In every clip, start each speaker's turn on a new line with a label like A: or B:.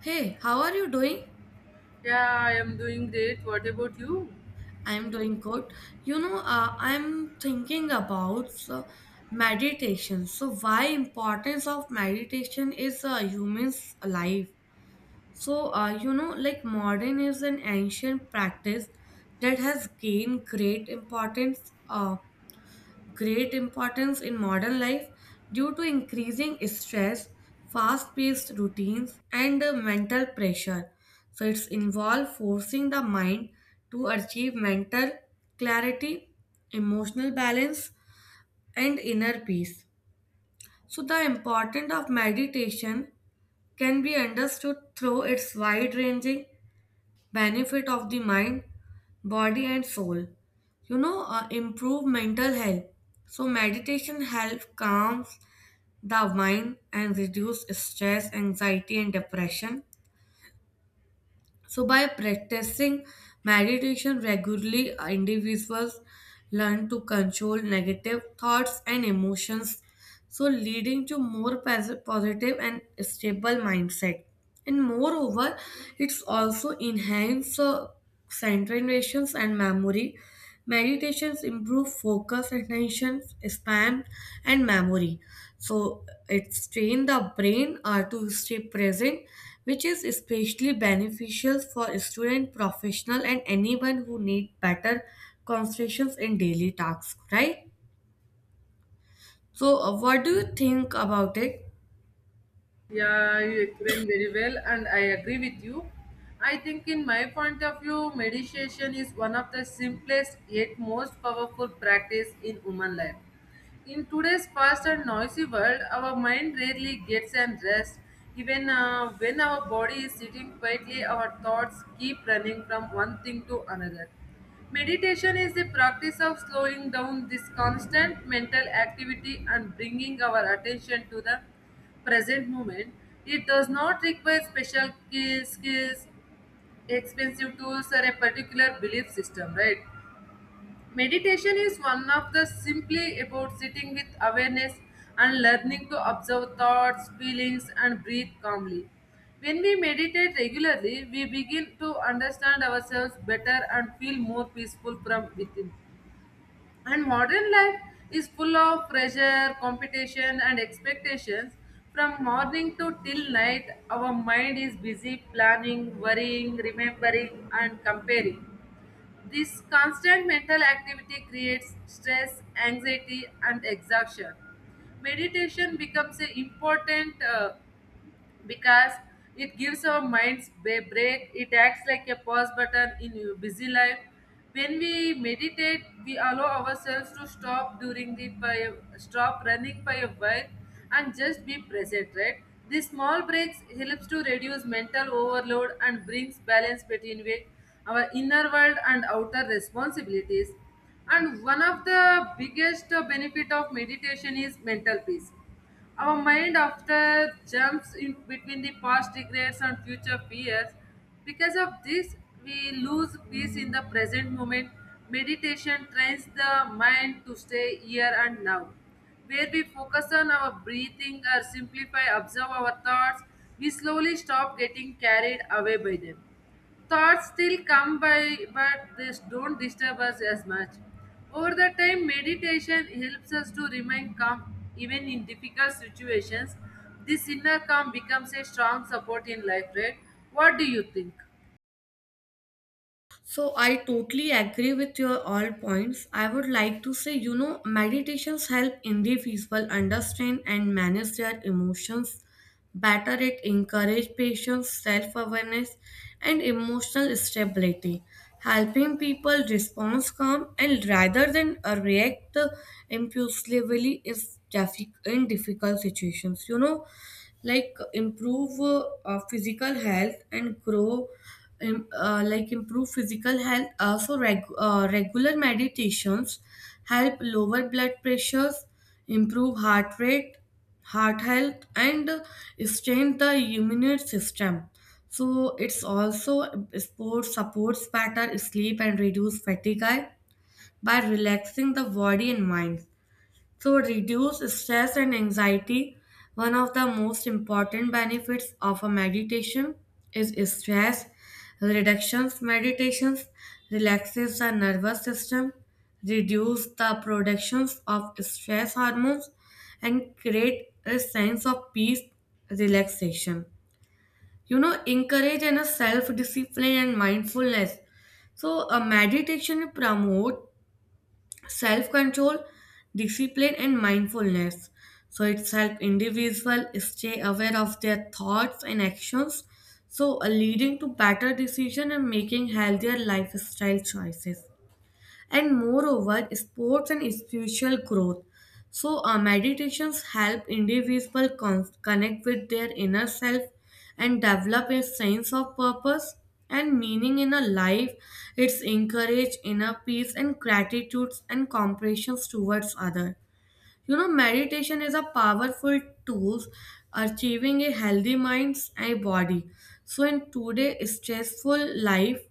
A: Hey, how are you doing?
B: Yeah, I am doing great. What about you?
A: I'm doing good. I'm thinking about meditation. So, why importance of meditation is humans' life. Like modern is an ancient practice that has gained great importance. Great importance in modern life due to increasing stress, fast paced routines, and mental pressure. So, it's involved forcing the mind to achieve mental clarity, emotional balance, and inner peace. So, the importance of meditation can be understood through its wide ranging benefit of the mind, body, and soul. Improve mental health. So, meditation helps calms the mind and reduce stress, anxiety, and depression. So, by practicing meditation regularly, individuals learn to control negative thoughts and emotions, so leading to more positive and stable mindset. And moreover, it's also enhance concentrations and memory. Meditations improve focus, attention span, and memory, so it train the brain to stay present, which is especially beneficial for student, professional, and anyone who need better concentrations in daily tasks, right? So what do you think about it?
B: Yeah, you explained very well, and I agree with you. I think, in my point of view, meditation is one of the simplest yet most powerful practice in human life. In today's fast and noisy world, our mind rarely gets an rest. Even when our body is sitting quietly, our thoughts keep running from one thing to another. Meditation is the practice of slowing down this constant mental activity and bringing our attention to the present moment. It does not require special skills, expensive tools, or a particular belief system, right? Meditation is one of the simply about sitting with awareness and learning to observe thoughts, feelings, and breathe calmly. When we meditate regularly, we begin to understand ourselves better and feel more peaceful from within. And modern life is full of pressure, competition, and expectations. From morning to till night, our mind is busy planning, worrying, remembering, and comparing. This constant mental activity creates stress, anxiety, and exhaustion. Meditation becomes an important because it gives our minds a break. It acts like a pause button in your busy life. When we meditate, we allow ourselves to stop during the pi- stop running for a while and just be present, right? These small breaks helps to reduce mental overload and brings balance between our inner world and outer responsibilities. And one of the biggest benefit of meditation is mental peace. Our mind often jumps in between the past regrets and future fears. Because of this, we lose peace in the present moment. Meditation trains the mind to stay here and now. Where we focus on our breathing or simplify, observe our thoughts, we slowly stop getting carried away by them. Thoughts still come by, but they don't disturb us as much. Over the time, meditation helps us to remain calm even in difficult situations. This inner calm becomes a strong support in life, right? What do you think?
A: So I totally agree with your all points. I would like to say, you know, meditations help individuals understand and manage their emotions better. It encourage patience, self-awareness, and emotional stability, helping people respond calm and rather than react impulsively is in difficult situations. You know, like improve physical health and grow like improve physical health. Also regular meditations help lower blood pressures, improve heart rate, heart health, and strengthen the immune system. So it's also sport supports better sleep and reduce fatigue by relaxing the body and mind, so, reduce stress and anxiety. One of the most important benefits of a meditation is stress reductions. Meditations relaxes the nervous system, reduce the productions of stress hormones, and create a sense of peace, relaxation. You know, encourage and a self-discipline and mindfulness. So, a meditation promote self control, discipline, and mindfulness. So it's help individual stay aware of their thoughts and actions, so leading to better decision and making healthier lifestyle choices. And moreover, sports and spiritual growth. So meditations help individuals connect with their inner self and develop a sense of purpose and meaning in a life. It's encourage inner peace and gratitude and compassion towards other. You know, meditation is a powerful tool achieving a healthy mind and body, so in today's stressful life,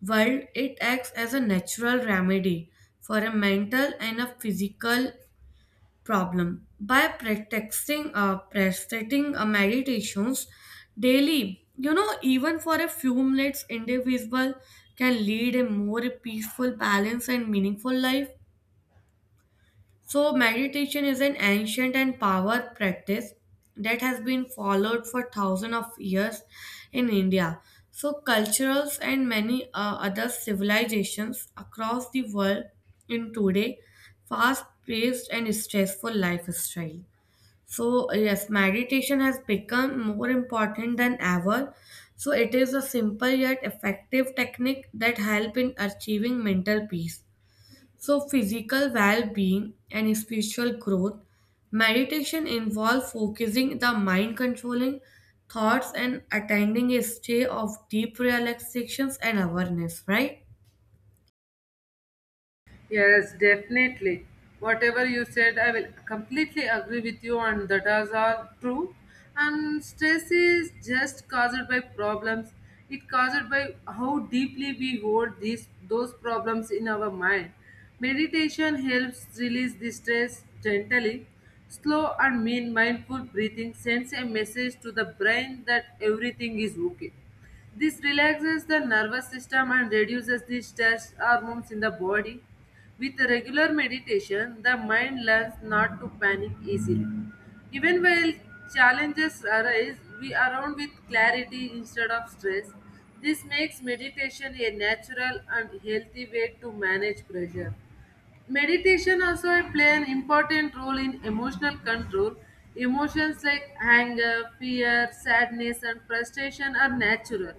A: while it acts as a natural remedy for a mental and a physical problem. By practicing meditations daily, you know, even for a few minutes, individual can lead a more peaceful, balanced, and meaningful life. So, meditation is an ancient and power practice that has been followed for thousands of years in India. So, cultures and many other civilizations across the world in today fast-paced and stressful lifestyle. So, yes, meditation has become more important than ever. So, it is a simple yet effective technique that help in achieving mental peace. So, physical well being and spiritual growth. Meditation involves focusing the mind, controlling thoughts, and attaining a state of deep relaxations and awareness, right?
B: Yes, definitely. Whatever you said, I will completely agree with you, and that is all true. And stress is just caused by problems. It caused by how deeply we hold these those problems in our mind. Meditation helps release the stress gently. Slow and mean mindful breathing sends a message to the brain that everything is okay. This relaxes the nervous system and reduces the stress hormones in the body. With regular meditation, the mind learns not to panic easily. Even while challenges arise, we are around with clarity instead of stress. This makes meditation a natural and healthy way to manage pressure. Meditation also play an important role in emotional control. Emotions like anger, fear, sadness, and frustration are natural.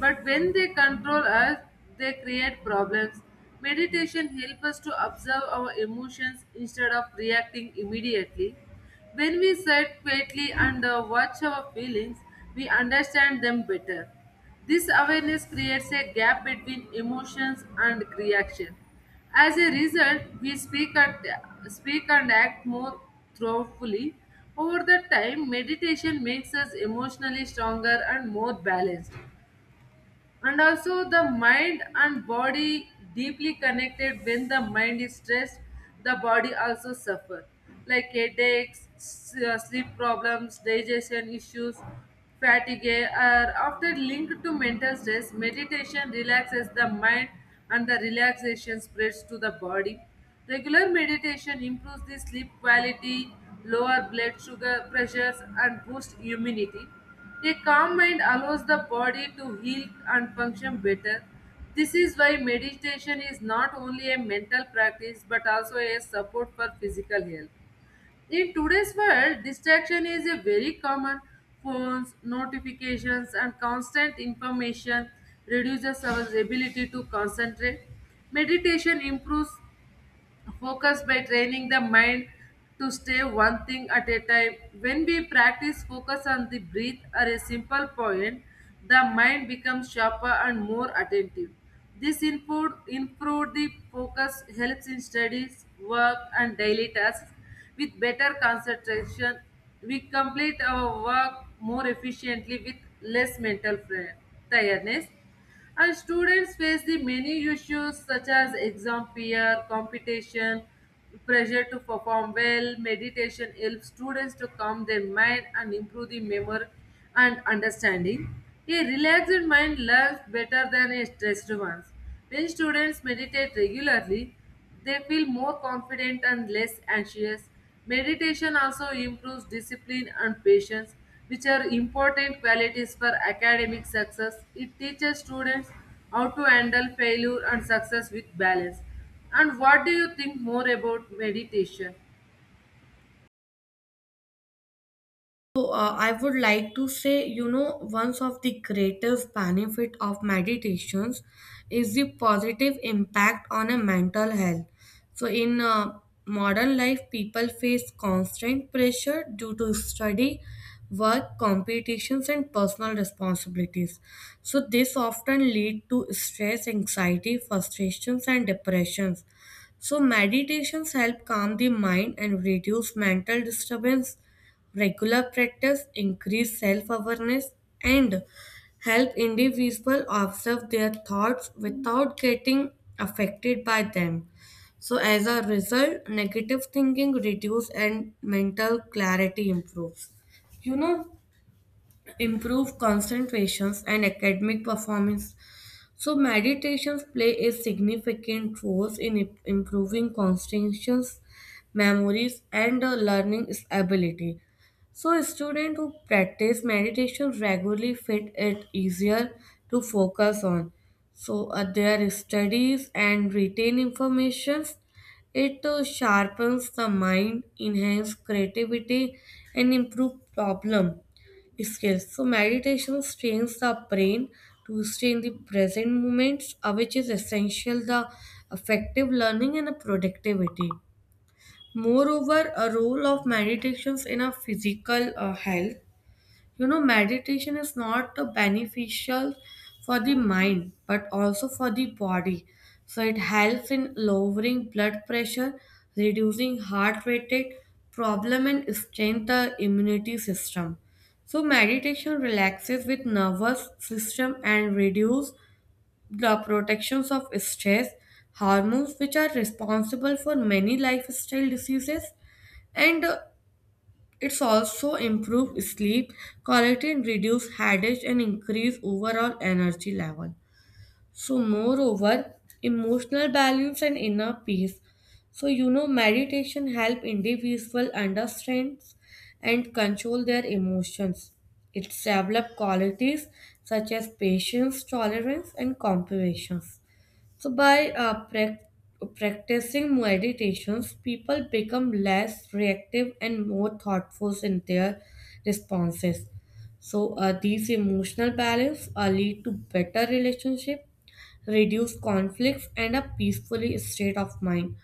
B: But when they control us, they create problems. Meditation helps us to observe our emotions instead of reacting immediately. When we sit quietly and watch our feelings, we understand them better. This awareness creates a gap between emotions and reaction. As a result, we speak and act more thoughtfully. Over the time, meditation makes us emotionally stronger and more balanced. And also the mind and body deeply connected. When the mind is stressed, the body also suffer. Like headaches, sleep problems, digestion issues, fatigue are often linked to mental stress. Meditation relaxes the mind, and the relaxation spreads to the body. Regular meditation improves the sleep quality, lower blood sugar pressures, and boost immunity. A calm mind allows the body to heal and function better. This is why meditation is not only a mental practice but also a support for physical health. In today's world, distraction is a very common. Phones, notifications, and constant information reduces our ability to concentrate. Meditation improves focus by training the mind to stay one thing at a time. When we practice focus on the breath or a simple point, the mind becomes sharper and more attentive. This improved the focus helps in studies, work, and daily tasks. With better concentration, we complete our work more efficiently with less tiredness. And students face the many issues such as exam fear, competition, pressure to perform well. Meditation helps students to calm their mind and improve the memory and understanding. A relaxed mind learns better than a stressed one. When students meditate regularly, they feel more confident and less anxious. Meditation also improves discipline and patience, which are important qualities for academic success. It teaches students how to handle failure and success with balance. And what do you think more about meditation?
A: So, I would like to say, you know, one of the greatest benefit of meditations is the positive impact on a mental health. So, in modern life, people face constant pressure due to study, work, competitions, and personal responsibilities. So, this often lead to stress, anxiety, frustrations, and depressions. So meditations help calm the mind and reduce mental disturbance. Regular practice increase self-awareness and help individuals observe their thoughts without getting affected by them. So as a result, negative thinking reduces and mental clarity improves. You know, improve concentrations and academic performance. So meditations play a significant role in improving concentration, memories, and learning ability. So students who practice meditation regularly find it easier to focus on. So their studies and retain information. It sharpens the mind, enhance creativity, and improve problem skills. So meditation trains the brain to stay in the present moments, which is essential the effective learning and productivity. Moreover, a role of meditations in our physical health. You know, meditation is not the beneficial for the mind but also for the body. So it helps in lowering blood pressure, reducing heart rate problem and strengthen the immunity system. So meditation relaxes with nervous system and reduce the protections of stress hormones which are responsible for many lifestyle diseases. And it's also improve sleep quality and reduce headache and increase overall energy level. So moreover, emotional balance and inner peace. So you know, meditation help individual understand and control their emotions. It develop qualities such as patience, tolerance, and compassion. So, by practicing meditations, people become less reactive and more thoughtful in their responses. So, these emotional balance lead to better relationship, reduce conflicts, and a peaceful state of mind.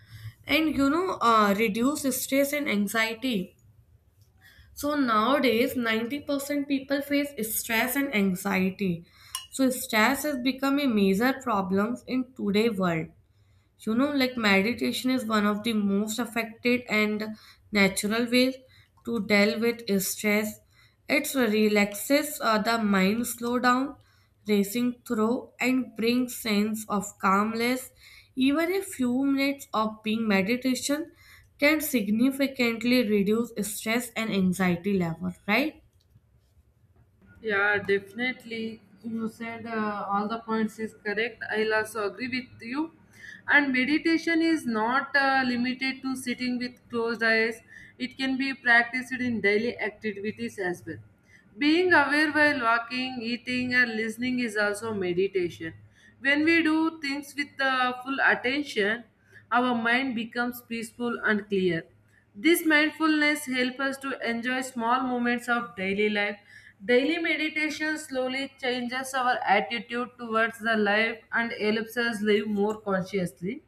A: And you know, reduce stress and anxiety. So nowadays, 90% people face stress and anxiety. So stress has become a major problem in today's world. You know, like meditation is one of the most effective and natural ways to deal with stress. It relaxes the mind, slow down racing through and brings sense of calmness. Even a few minutes of being meditation can significantly reduce stress and anxiety level, right?
B: Yeah, definitely. You said all the points is correct. I'll also agree with you. And meditation is not limited to sitting with closed eyes. It can be practiced in daily activities as well. Being aware while walking, eating, and listening is also meditation. When we do things with full attention, our mind becomes peaceful and clear. This mindfulness helps us to enjoy small moments of daily life. Daily meditation slowly changes our attitude towards the life and helps us live more consciously.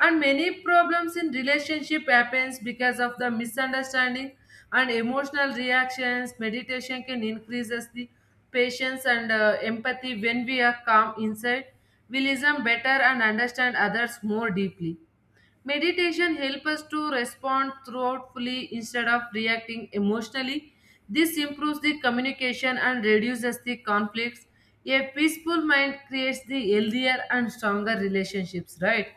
B: And many problems in relationship happens because of the misunderstanding and emotional reactions. Meditation can increases the patience and empathy when we are calm inside. We listen better and understand others more deeply. Meditation helps us to respond thoughtfully instead of reacting emotionally. This improves the communication and reduces the conflicts. A peaceful mind creates the healthier and stronger relationships, right?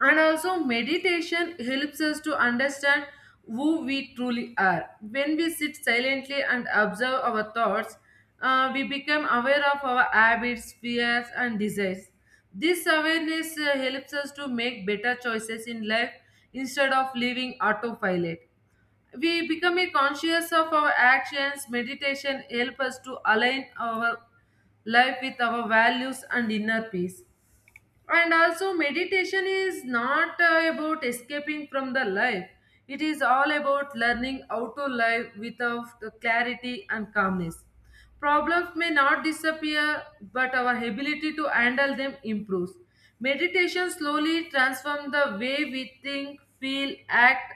B: And also, meditation helps us to understand who we truly are. When we sit silently and observe our thoughts, we become aware of our habits, fears, and desires. This awareness helps us to make better choices in life instead of living autopilot. We become a conscious of our actions. Meditation helps us to align our life with our values and inner peace. And also meditation is not about escaping from the life. It is all about learning how to live without the clarity and calmness. Problems may not disappear, but our ability to handle them improves. Meditation slowly transforms the way we think, feel, act.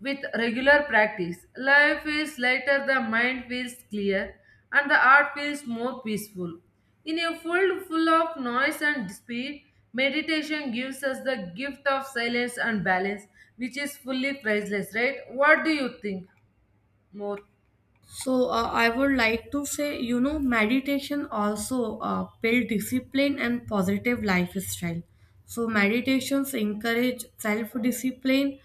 B: With regular practice, life feels lighter, the mind feels clear, and the heart feels more peaceful. In a world full of noise and speed, meditation gives us the gift of silence and balance, which is fully priceless, right? What do you think more?
A: So I would like to say, you know, meditation also build discipline and positive lifestyle. So meditations encourage self-discipline,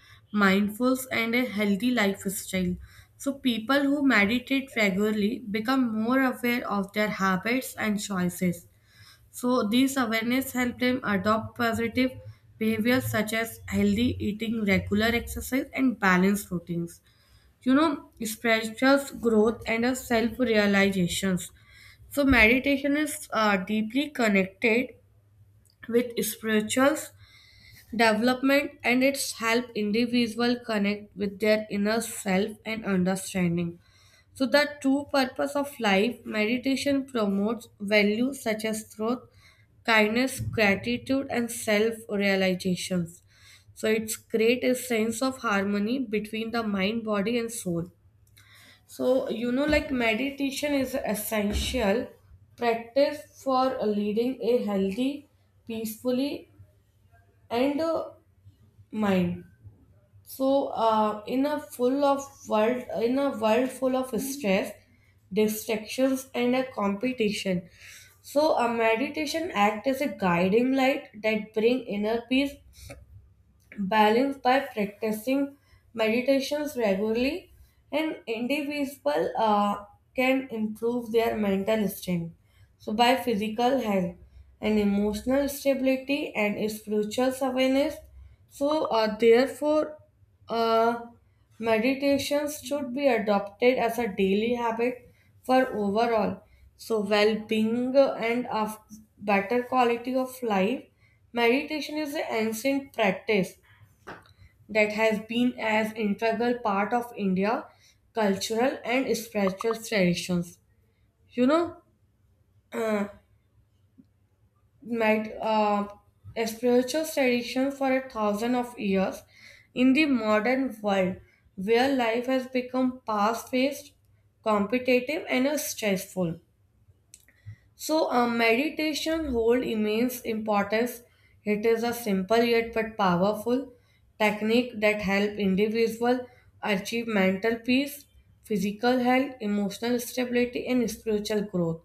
A: mindfulness, and a healthy lifestyle. So people who meditate regularly become more aware of their habits and choices. So this awareness helps them adopt positive behaviors such as healthy eating, regular exercise, and balanced routines. You know, spiritual growth and a self realizations. So meditation is deeply connected with spiritual development and it's help individual connect with their inner self and understanding. So the true purpose of life, meditation promotes values such as truth, kindness, gratitude, and self realizations. So it's create a sense of harmony between the mind, body, and soul. So, you know, like meditation is essential practice for leading a healthy, peacefully, and mind. So, in a world full of stress, distractions, and a competition, so a meditation act as a guiding light that bring inner peace balanced by practicing meditations regularly, and individual can improve their mental strength, so by physical health and emotional stability and spiritual awareness. So therefore uh, meditations should be adopted as a daily habit for overall, so well-being and of better quality of life. Meditation is an ancient practice that have been as integral part of India cultural and spiritual traditions. You know, uh, might a spiritual tradition for a thousand of years in the modern world where life has become fast-paced, competitive, and stressful. So, meditation hold immense importance. It is a simple yet but powerful technique that help individual achieve mental peace, physical health, emotional stability, and spiritual growth.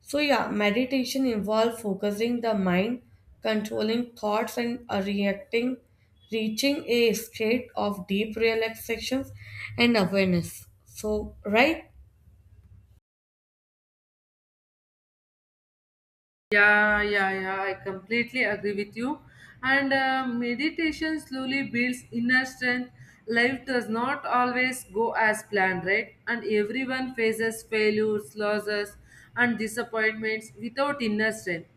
A: So, yeah, meditation involves focusing the mind, controlling thoughts, and reaching a state of deep relaxations and awareness. So, right?
B: Yeah, yeah, yeah. I completely agree with you. And meditation slowly builds inner strength. Life does not always go as planned, right? And everyone faces failures, losses, and disappointments without inner strength.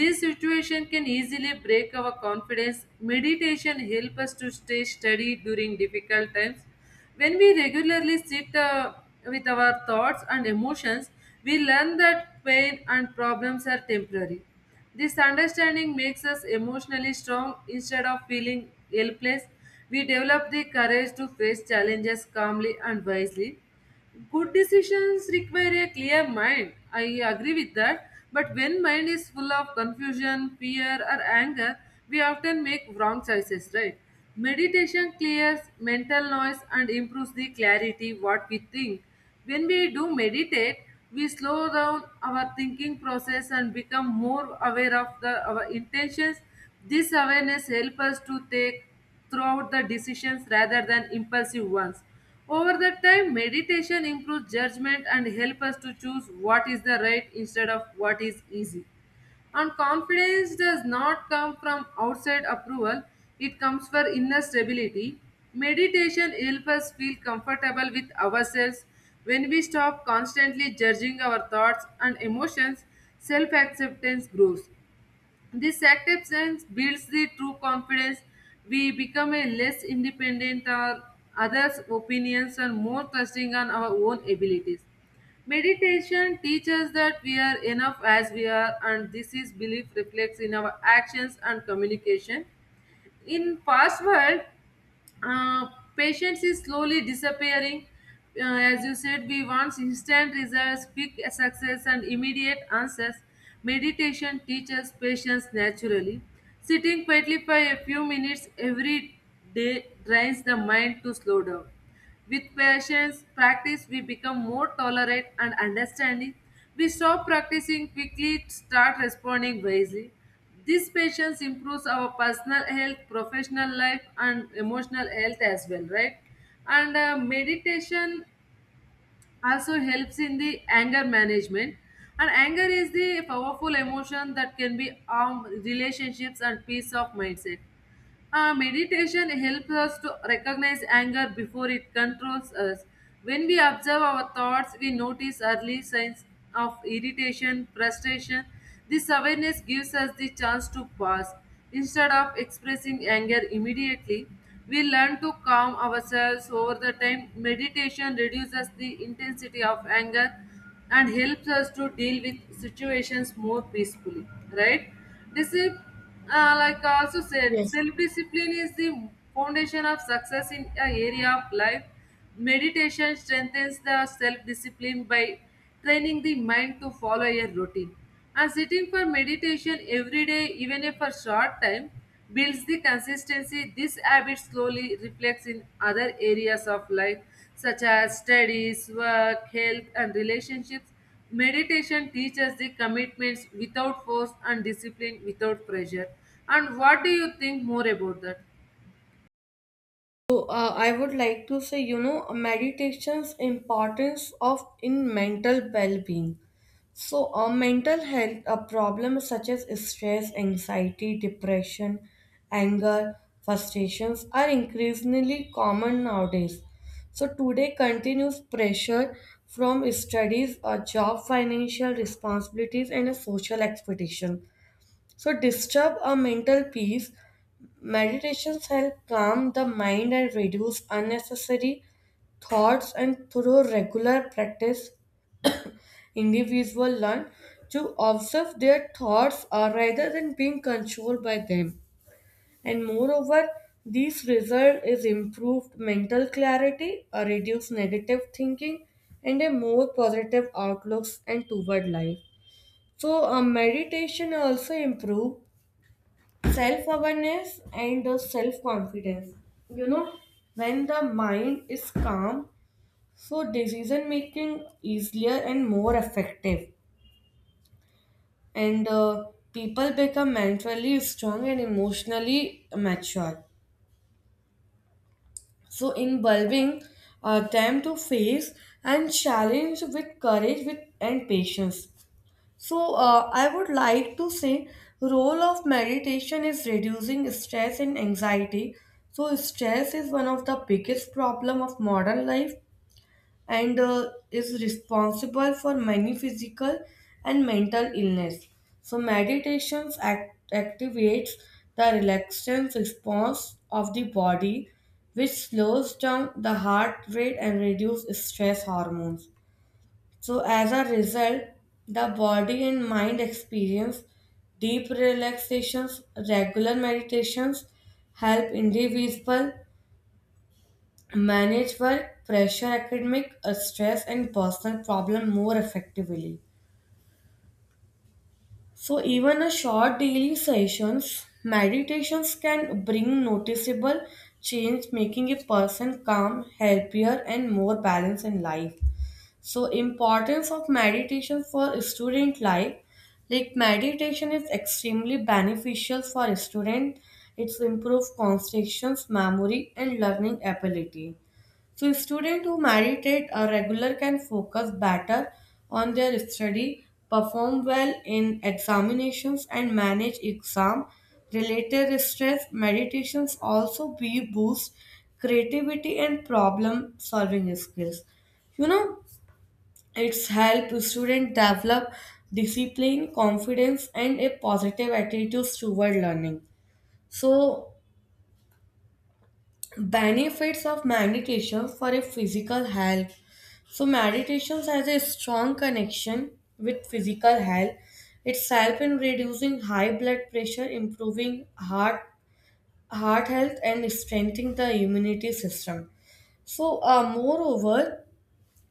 B: This situation can easily break our confidence. Meditation helps us to stay steady during difficult times. When we regularly sit with our thoughts and emotions, we learn that pain and problems are temporary. This understanding makes us emotionally strong instead of feeling helpless. We develop the courage to face challenges calmly and wisely. Good decisions require a clear mind. I agree with that. But when mind is full of confusion, fear, or anger, we often make wrong choices, right? Meditation clears mental noise and improves the clarity what we think. When we do meditate, we slow down our thinking process and become more aware of the our intentions. This awareness helps us to take throughout the decisions rather than impulsive ones. Over that time, meditation improves judgment and helps us to choose what is the right instead of what is easy. And confidence does not come from outside approval, it comes from inner stability. Meditation helps us feel comfortable with ourselves. When we stop constantly judging our thoughts and emotions, self acceptance grows. This acceptance builds the true confidence. We become a less independent on others' opinions and more trusting on our own abilities. Meditation teaches that we are enough as we are, and this is belief reflects in our actions and communication. In past world, uh, patience is slowly disappearing. As you said, we want instant results, quick success, and immediate answers. Meditation teaches patience naturally. Sitting quietly for a few minutes every day trains the mind to slow down. With patience practice, we become more tolerant and understanding. We stop practicing quickly, start responding wisely. This patience improves our personal health, professional life, and emotional health as well, right? And meditation also helps in the anger management. And anger is the powerful emotion that can be arm relationships and peace of mindset. Meditation helps us to recognize anger before it controls us. When we observe our thoughts, we notice early signs of irritation, frustration. This awareness gives us the chance to pause. Instead of expressing anger immediately, we learn to calm ourselves over the time. Meditation reduces the intensity of anger and helps us to deal with situations more peacefully, right? Discipline, like I also said,
A: Yes.
B: self discipline is the foundation of success in an area of life. Meditation strengthens the self discipline by training the mind to follow a routine. And sitting for meditation every day, even if for short time, builds the consistency. This habit slowly reflects in other areas of life, such as studies, work, health, and relationships. Meditation teaches the commitments without force and discipline without pressure. And what do you think more about that?
A: So, I would like to say, you know, meditation's importance of in mental well-being. So, mental health, a problem such as stress, anxiety, depression, anger, frustrations are increasingly common nowadays. So, today, continuous pressure from studies, a job, financial responsibilities, and a social expectation. So, disturb our mental peace. Meditations help calm the mind and reduce unnecessary thoughts, and through regular practice, individuals learn to observe their thoughts rather than being controlled by them. And moreover, this result is improved mental clarity, a reduced negative thinking, and a more positive outlooks and toward life. So, meditation also improve self awareness and self confidence. You know, when the mind is calm, so decision making easier and more effective. And people become mentally strong and emotionally mature, so involving them to face and challenge with courage with and patience. So, I would like to say role of meditation is reducing stress and anxiety. So, stress is one of the biggest problem of modern life and is responsible for many physical and mental illness. So, meditations activates the relaxation response of the body, which slows down the heart rate and reduces stress hormones. So, as a result, the body and mind experience deep relaxations. Regular meditations help individuals manage work pressure, academic stress, and personal problem more effectively. So, even a short daily sessions, meditations can bring noticeable change, making a person calm, healthier, and more balanced in life. So importance of meditation for student life, like meditation is extremely beneficial for student. It's improve concentration, memory, and learning ability. So student who meditate a regular can focus better on their study, perform well in examinations and manage exam related stress. Meditations also be boost creativity and problem solving skills. You know, it's help students develop discipline, confidence, and a positive attitude toward learning. So, benefits of meditation for a physical health. So, meditation has a strong connection with physical health. It's help in reducing high blood pressure, improving heart health, and strengthening the immunity system. So, moreover,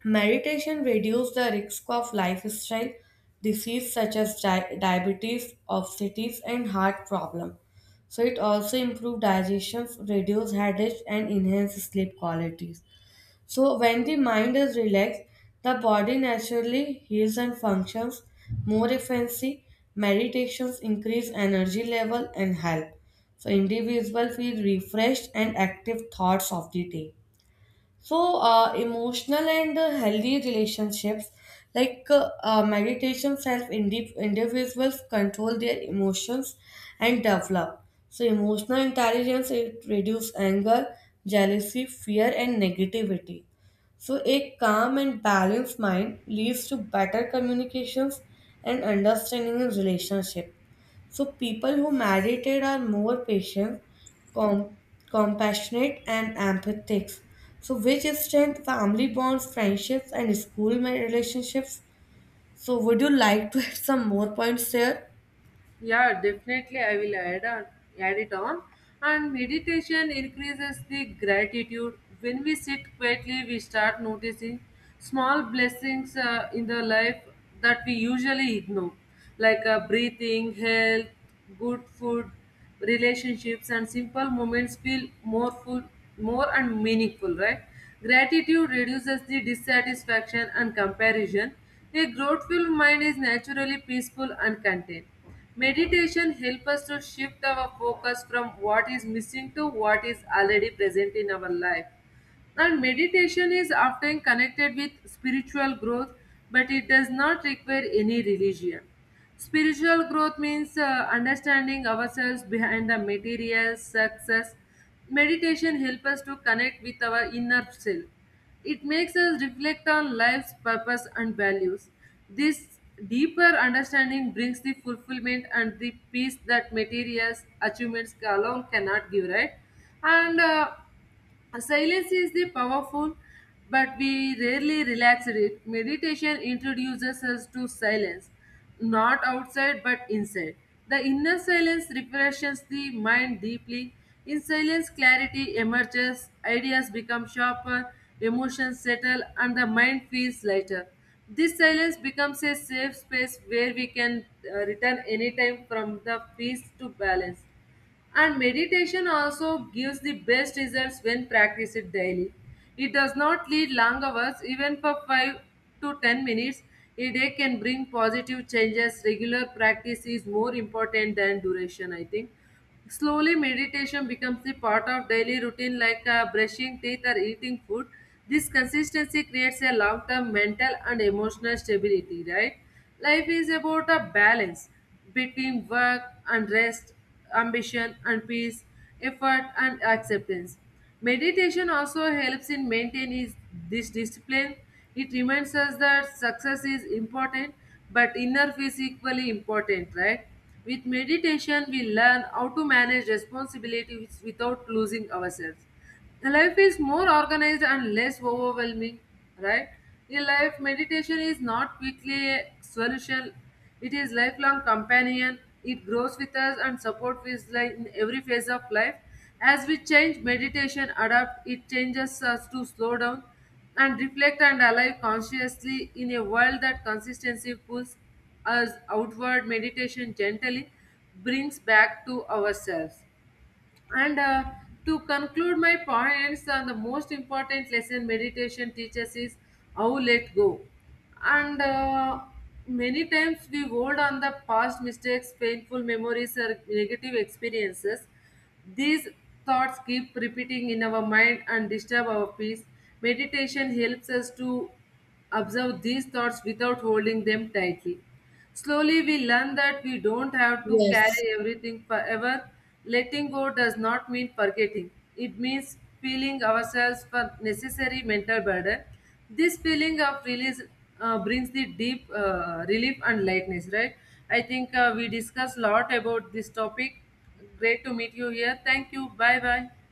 A: meditation reduces the risk of lifestyle disease such as diabetes, obesity, and heart problem. So it also improves digestion, reduce headaches, and enhance sleep qualities. So when the mind is relaxed, the body naturally heals and functions more efficiently. Meditations increase energy level and health. So individuals feel refreshed and active thoughts of the day. So, emotional and healthy relationships, like meditations, help individuals control their emotions and develop. So, emotional intelligence it reduces anger, jealousy, fear, and negativity. So, a calm and balanced mind leads to better communications and understanding in relationship. So people who meditated are more patient, com- compassionate, and empathetic. So which strength family bonds, friendships, and school relationships. So would you like to add some more points there?
B: Yeah, definitely I will add on, add it on. And meditation increases the gratitude. When we sit quietly, we start noticing small blessings in the life that we usually ignore, like breathing, health, good food, relationships, and simple moments feel more full, more and meaningful, right? Gratitude reduces the dissatisfaction and comparison. A grateful mind is naturally peaceful and content. Meditation helps us to shift our focus from what is missing to what is already present in our life. And meditation is often connected with spiritual growth, but it does not require any religion. Spiritual growth means understanding ourselves behind the material success. Meditation helps us to connect with our inner self. It makes us reflect on life's purpose and values. This deeper understanding brings the fulfillment and the peace that materials achievements alone cannot give, right? And Silence is the powerful, but we rarely relax it. Meditation introduces us to silence, not outside but inside. The inner silence refreshes the mind deeply. In silence, clarity emerges, ideas become sharper, emotions settle, and the mind feels lighter. This silence becomes a safe space where we can return anytime from the peace to balance. And meditation also gives the best results when practiced daily. It does not need long hours, even for 5 to 10 minutes. A day can bring positive changes. Regular practice is more important than duration, I think. Slowly, meditation becomes the part of daily routine, like brushing teeth or eating food. This consistency creates a long term mental and emotional stability, right? Life is about a balance between work and rest, ambition and peace, effort and acceptance. Meditation also helps in maintaining this discipline. It reminds us that success is important, but inner peace is equally important, right? With meditation, we learn how to manage responsibilities without losing ourselves. The life is more organized and less overwhelming, right. In life meditation is not quickly a solution, it is lifelong companion. It grows with us and supports us life in every phase of life. As we change meditation adapt, it changes us to slow down and reflect and alive consciously. In a world that consistency pulls us outward, meditation gently brings back to ourselves. And to conclude my points, the most important lesson meditation teaches is how let go. And Many times we hold on the past mistakes, painful memories, or negative experiences. These thoughts keep repeating in our mind and disturb our peace. Meditation helps us to observe these thoughts without holding them tightly. Slowly, we learn that we don't have to
A: Yes,
B: carry everything forever. Letting go does not mean forgetting, it means feeling ourselves for necessary mental burden. This feeling of release brings the deep relief and lightness, right? I think we discussed a lot about this topic. Great to meet you here. Thank you. Bye bye.